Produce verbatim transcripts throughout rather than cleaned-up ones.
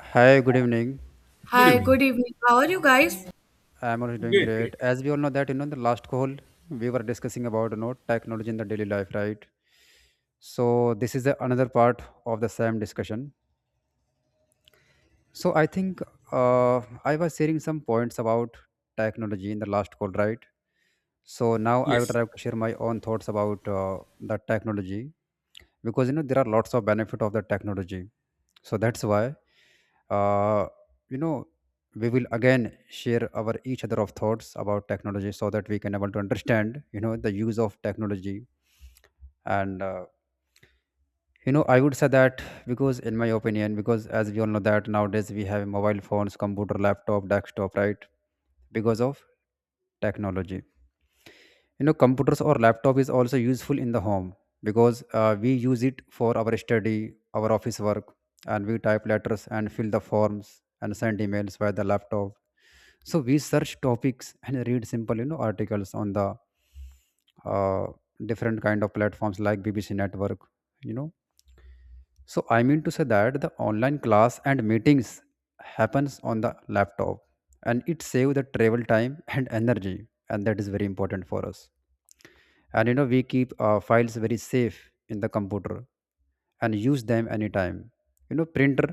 Hi, good evening. Good Hi, evening. good evening. How are you guys? I'm also doing Great, great. great. As we all know that you know in the last call we were discussing about you know technology in the daily life, right? So this is the another part of the same discussion. So I think uh, I was sharing some points about technology in the last call, right? So now I would Yes, like to share my own thoughts about uh, the technology because you know there are lots of benefit of the technology. So that's why uh, you know we will again share our each other of thoughts about technology so that we can able to understand you know the use of technology and uh, you know I would say that because in my opinion because as we all know that nowadays we have mobile phones, computer, laptop, desktop, right? Because of technology, you know, computers or laptop is also useful in the home because uh, we use it for our study, our office work, and we type letters and fill the forms and send emails via the laptop. So we search topics and read simple you know articles on the uh, different kind of platforms like BBC network, you know. So I mean to say that the online class and meetings happens on the laptop and it saves the travel time and energy, and that is very important for us. And you know we keep uh, files very safe in the computer and use them anytime. You know, printer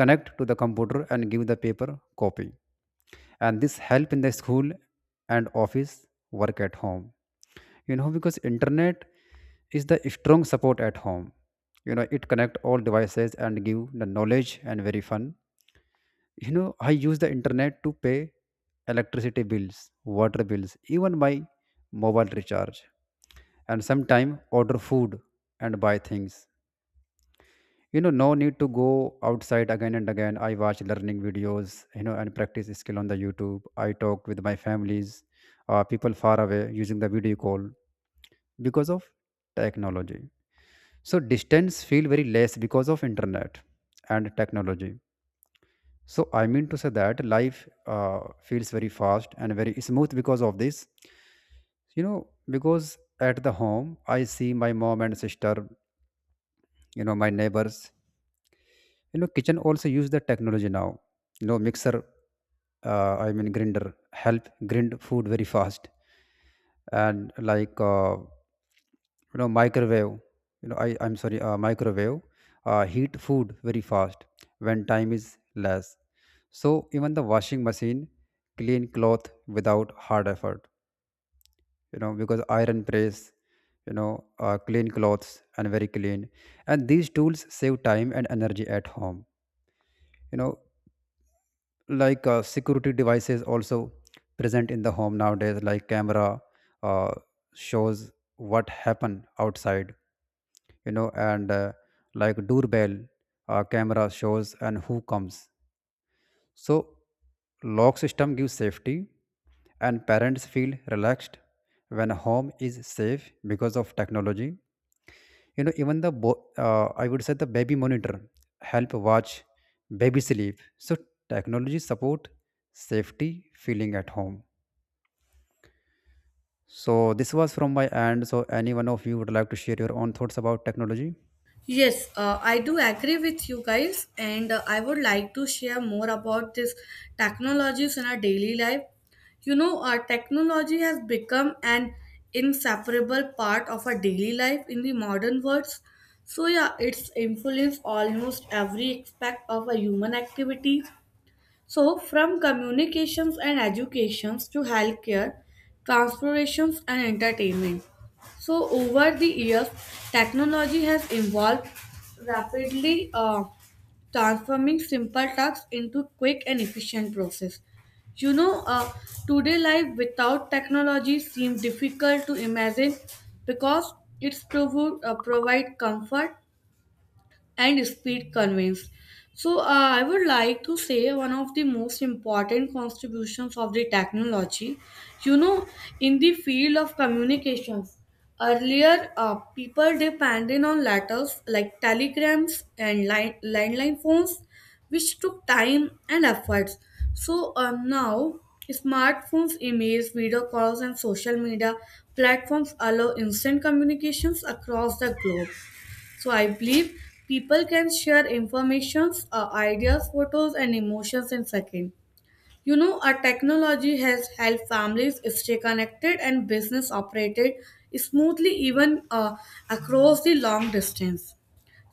connect to the computer and give the paper copy, and this help in the school and office work at home. You know, because internet is the strong support at home. You know, it connect all devices and give the knowledge and very fun. You know, I use the internet to pay electricity bills, water bills, even my mobile recharge, and sometime order food and buy things. You know, no need to go outside again and again. I watch learning videos you know and practice skill on the YouTube. I talk with my families, uh, people far away using the video call, because of technology. So distance feel very less because of internet and technology. So I mean to say that life uh, feels very fast and very smooth because of this, you know. Because at the home I see my mom and sister, you know, my neighbors. You know, kitchen also use the technology now. You know, mixer, uh, I mean grinder, help grind food very fast. And like uh, you know microwave, you know, I I'm sorry uh, microwave uh, heat food very fast when time is less. So even the washing machine clean cloth without hard effort. You know, because iron press, you know, uh, clean clothes and very clean. And these tools save time and energy at home, you know. Like uh, security devices also present in the home nowadays, like camera, uh, shows what happened outside, you know. And uh, like doorbell, uh, camera shows and who comes. So lock system gives safety and parents feel relaxed when home is safe because of technology. You know, even the bo- uh, I would say the baby monitor help watch baby sleep. So technology support safety feeling at home. So this was from my end. So any one of you would like to share your own thoughts about technology? Yes, uh, I do agree with you guys, and uh, I would like to share more about this technologies in our daily life. You know, our technology has become an inseparable part of our daily life in the modern world. So yeah, it's influenced almost every aspect of our human activities. So, from communications and educations to healthcare, transportations and entertainment. So, over the years, technology has evolved rapidly, uh, transforming simple tasks into quick and efficient process. You know, uh, Today life without technology seems difficult to imagine because it's provo- uh, provide comfort and speed conveys. So, uh, I would like to say one of the most important contributions of the technology. You know, in the field of communications, earlier uh, people depended on letters like telegrams and line, landline phones, which took time and efforts. So, uh, now smartphones, emails, video calls, and social media platforms allow instant communications across the globe. So I believe people can share informations, uh, ideas, photos, and emotions in seconds. You know, our technology has helped families stay connected and business operated smoothly even uh, across the long distance.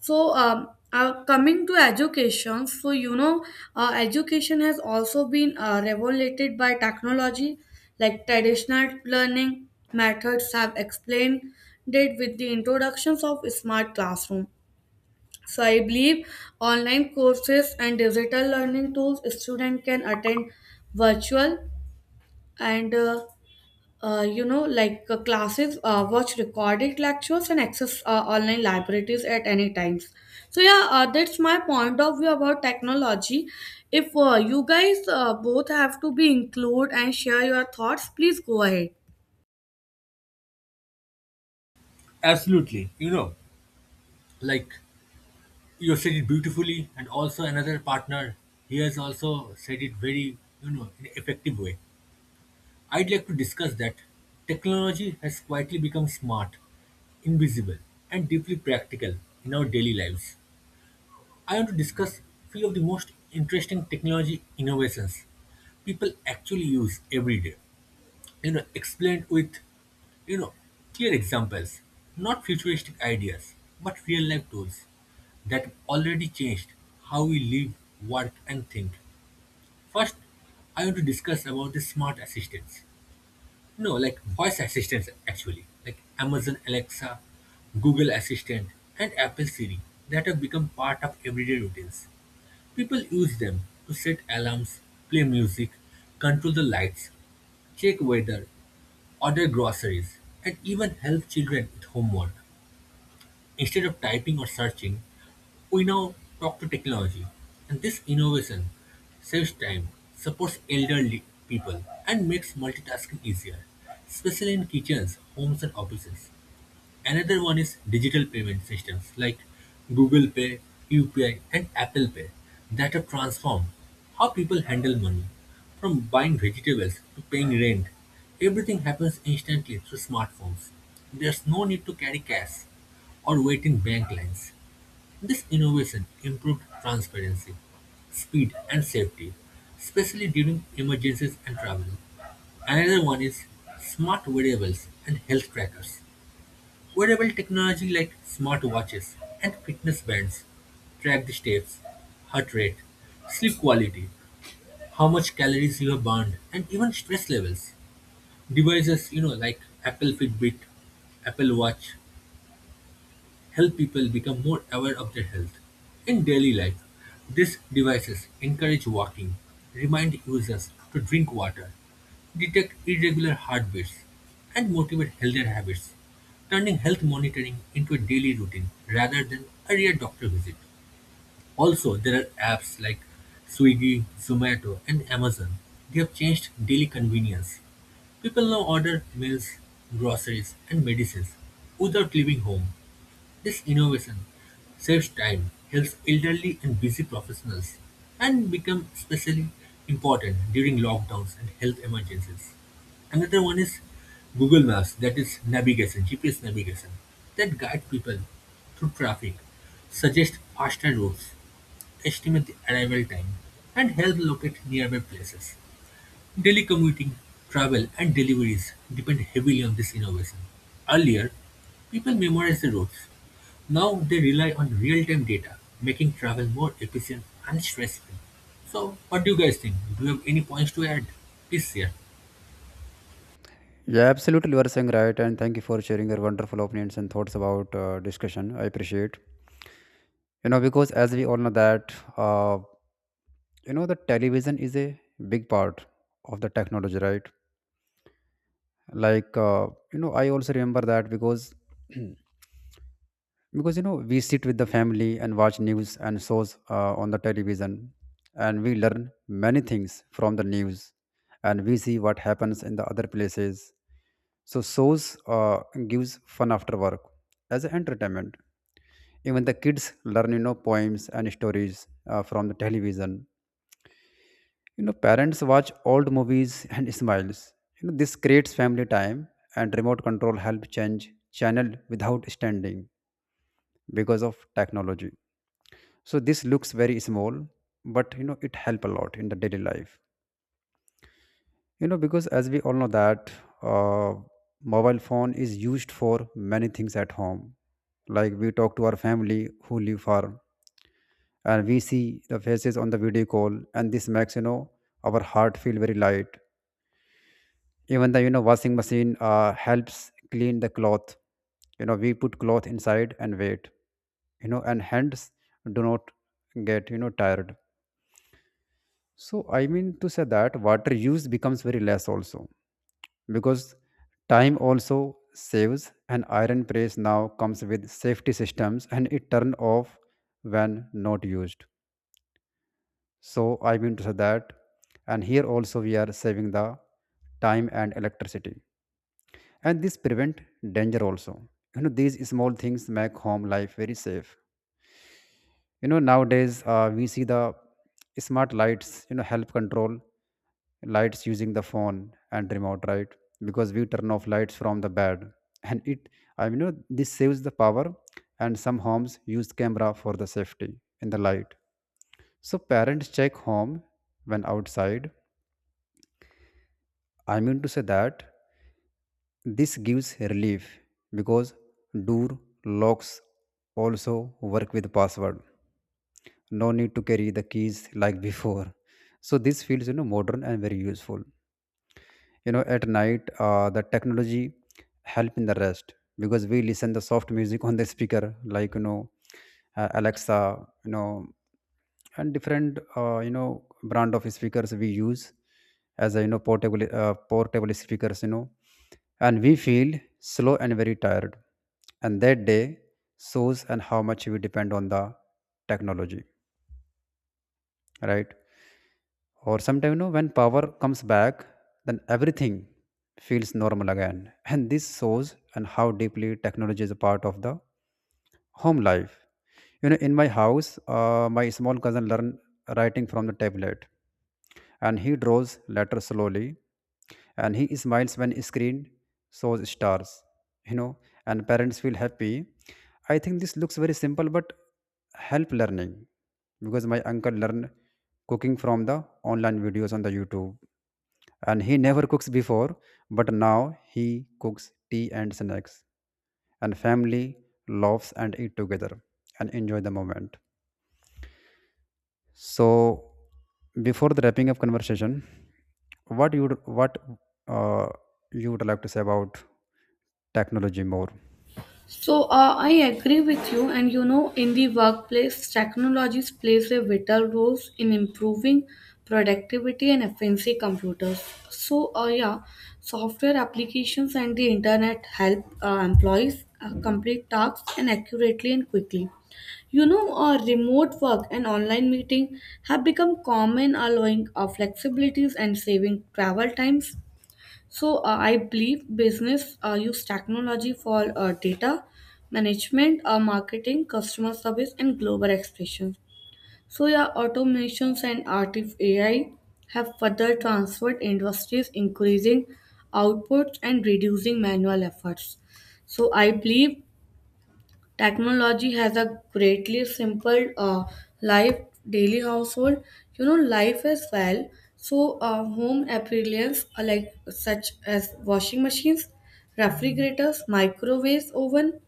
So, um, uh, coming to education, so you know, uh, education has also been uh, regulated by technology, like traditional learning methods have explained it with the introductions of smart classroom. So I believe online courses and digital learning tools student can attend virtual and uh, uh, you know like uh, classes, uh, watch recorded lectures and access uh, online libraries at any times. So yeah, uh, that's my point of view about technology. If uh, you guys uh, both have to be include and share your thoughts, please go ahead. absolutely. You know, like you said it beautifully, and also another partner, he has also said it very, you know, in an effective way. I'd like to discuss that technology has quietly become smart, invisible, and deeply practical in our daily lives. I want to discuss few of the most interesting technology innovations people actually use every day. You know explained with you know clear examples, not futuristic ideas but real life tools that have already changed how we live, work, and think. First, I want to discuss about the smart assistants. No, like voice assistants, actually, like Amazon Alexa, Google Assistant, and Apple Siri, that have become part of everyday routines. People use them to set alarms, play music, control the lights, check weather, order groceries, and even help children with homework. Instead of typing or searching, we now talk to technology. And this innovation saves time, supports elderly people, and makes multitasking easier, especially in kitchens, homes, and offices. Another one is digital payment systems like Google Pay, U P I, and Apple Pay that have transformed how people handle money. From buying vegetables to paying rent, everything happens instantly through smartphones. There's no need to carry cash or wait in bank lines. This innovation improved transparency, speed, and safety, especially during emergencies and travel. Another one is smart wearables and health trackers. Wearable technology like smartwatches and fitness bands track the steps, heart rate, sleep quality, how much calories you have burned, and even stress levels. Devices, you know, like Apple Fitbit, Apple Watch, help people become more aware of their health. In daily life, these devices encourage walking, remind users to drink water, detect irregular heartbeats, and motivate healthier habits, turning health monitoring into a daily routine rather than a rare doctor visit. Also, there are apps like Swiggy, Zomato, and Amazon. They have changed daily convenience. People now order meals, groceries, and medicines without leaving home. This innovation saves time, helps elderly and busy professionals, and become especially important during lockdowns and health emergencies. Another one is Google Maps, that is navigation, G P S navigation, that guide people through traffic, suggest faster routes, estimate the arrival time, and help locate nearby places. Daily commuting, travel, and deliveries depend heavily on this innovation. Earlier, people memorized the routes. Now they rely on real time data, making travel more efficient and stress free. So, what do you guys think? Do you have any points to add? Please share. Yeah, absolutely, you are saying right, and thank you for sharing your wonderful opinions and thoughts about uh, discussion. I appreciate. You know, because as we all know that, uh, you know, the television is a big part of the technology, right? Like uh, you know I also remember that because because you know we sit with the family and watch news and shows uh, on the television, and we learn many things from the news, and we see what happens in the other places. So shows uh, gives fun after work as an entertainment. Even the kids learn you know poems and stories uh, from the television. You know, parents watch old movies and smiles. You know, this creates family time. And remote control help change channel without standing because of technology. So this looks very small, but you know it help a lot in the daily life. You know, because as we all know that, uh, mobile phone is used for many things at home. Like, we talk to our family who live far, and we see the faces on the video call, and this makes you know our heart feel very light. Even the you know washing machine uh, helps clean the cloth. You know, we put cloth inside and wait. You know, and hands do not get you know tired. So I mean to say that water use becomes very less also, because time also saves. And iron press now comes with safety systems and it turn off when not used. So I mean to say that, and here also we are saving the time and electricity, and this prevent danger also. You know these small things make home life very safe. You know nowadays uh, we see the smart lights, you know, help control lights using the phone and remote, right? Because we turn off lights from the bed and it i mean you know, this saves the power. And some homes use camera for the safety in the light. So parents check home when outside. I mean to say that this gives relief, because door locks also work with password, no need to carry the keys like before. So this feels you know modern and very useful. You know, at night, uh, the technology help in the rest, because we listen the soft music on the speaker, like you know uh, Alexa, you know. And different uh, you know brand of speakers we use as a you know portable uh, portable speakers, you know. And we feel slow and very tired, and that day shows and how much we depend on the technology, right? Or sometimes, you know, when power comes back, then everything feels normal again, and this shows and how deeply technology is a part of the home life. You know, in my house, uh, my small cousin learn writing from the tablet, and he draws letters slowly, and he smiles when screen shows stars, you know, and parents feel happy. I think this looks very simple but help learning. Because my uncle learned cooking from the online videos on the YouTube. And he never cooks before, but now he cooks tea and snacks. And family laughs and eat together and enjoy the moment. So before the wrapping up conversation, what you would what uh, you would like to say about technology more? So uh, I agree with you, and you know, in the workplace, technologies plays a vital role in improving productivity and efficiency computers. So uh, yeah, software applications and the internet help uh, employees uh, complete tasks and accurately and quickly. You know, uh, remote work and online meeting have become common, allowing uh, flexibilities and saving travel times. So uh, I believe business uh, use technology for uh, data management, uh, marketing, customer service, and global expressions. So yeah, automations and artificial A I have further transformed industries, increasing outputs and reducing manual efforts. So I believe technology has a greatly simpled uh, life, daily household, you know, life as well. So, uh, home appliances are like such as washing machines, refrigerators, microwaves, oven,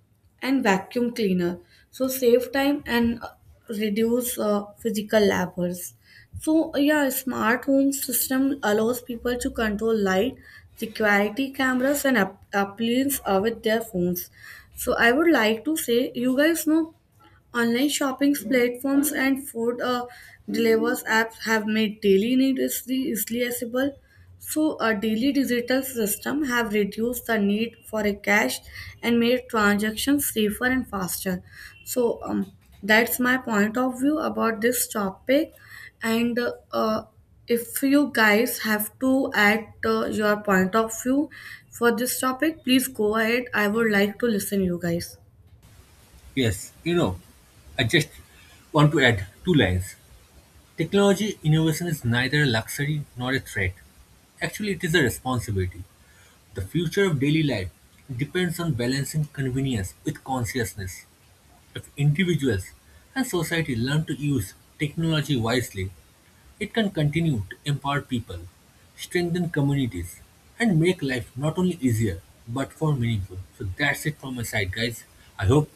and vacuum cleaner. So, save time and uh, reduce uh, physical labors. So, yeah, smart home system allows people to control light, security cameras, and app- appliances uh, with their phones. So I would like to say, you guys know, online shopping platforms and food uh, delivers apps have made daily needs easily easily accessible. So, a daily digital system have reduced the need for a cash and made transactions safer and faster. So, um, that's my point of view about this topic. And uh, if you guys have to add uh, your point of view for this topic, please go ahead. I would like to listen you guys. Yes, you know, I just want to add two lines. Technology innovation is neither a luxury nor a threat. Actually, it is a responsibility. The future of daily life depends on balancing convenience with consciousness. If individuals and society learn to use technology wisely, it can continue to empower people, strengthen communities, and make life not only easier but more meaningful. So that's it from my side, guys. I hope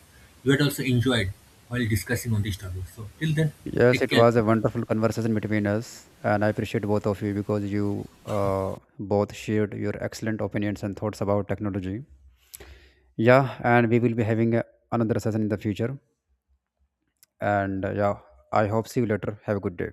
you had also enjoyed while discussing on this topic. So till then, Yes, take it care. was a Bye. wonderful conversation between us, and I appreciate both of you because you uh, both shared your excellent opinions and thoughts about technology. Yeah, and we will be having uh, another session in the future. And uh, yeah, I hope see you later. Have a good day.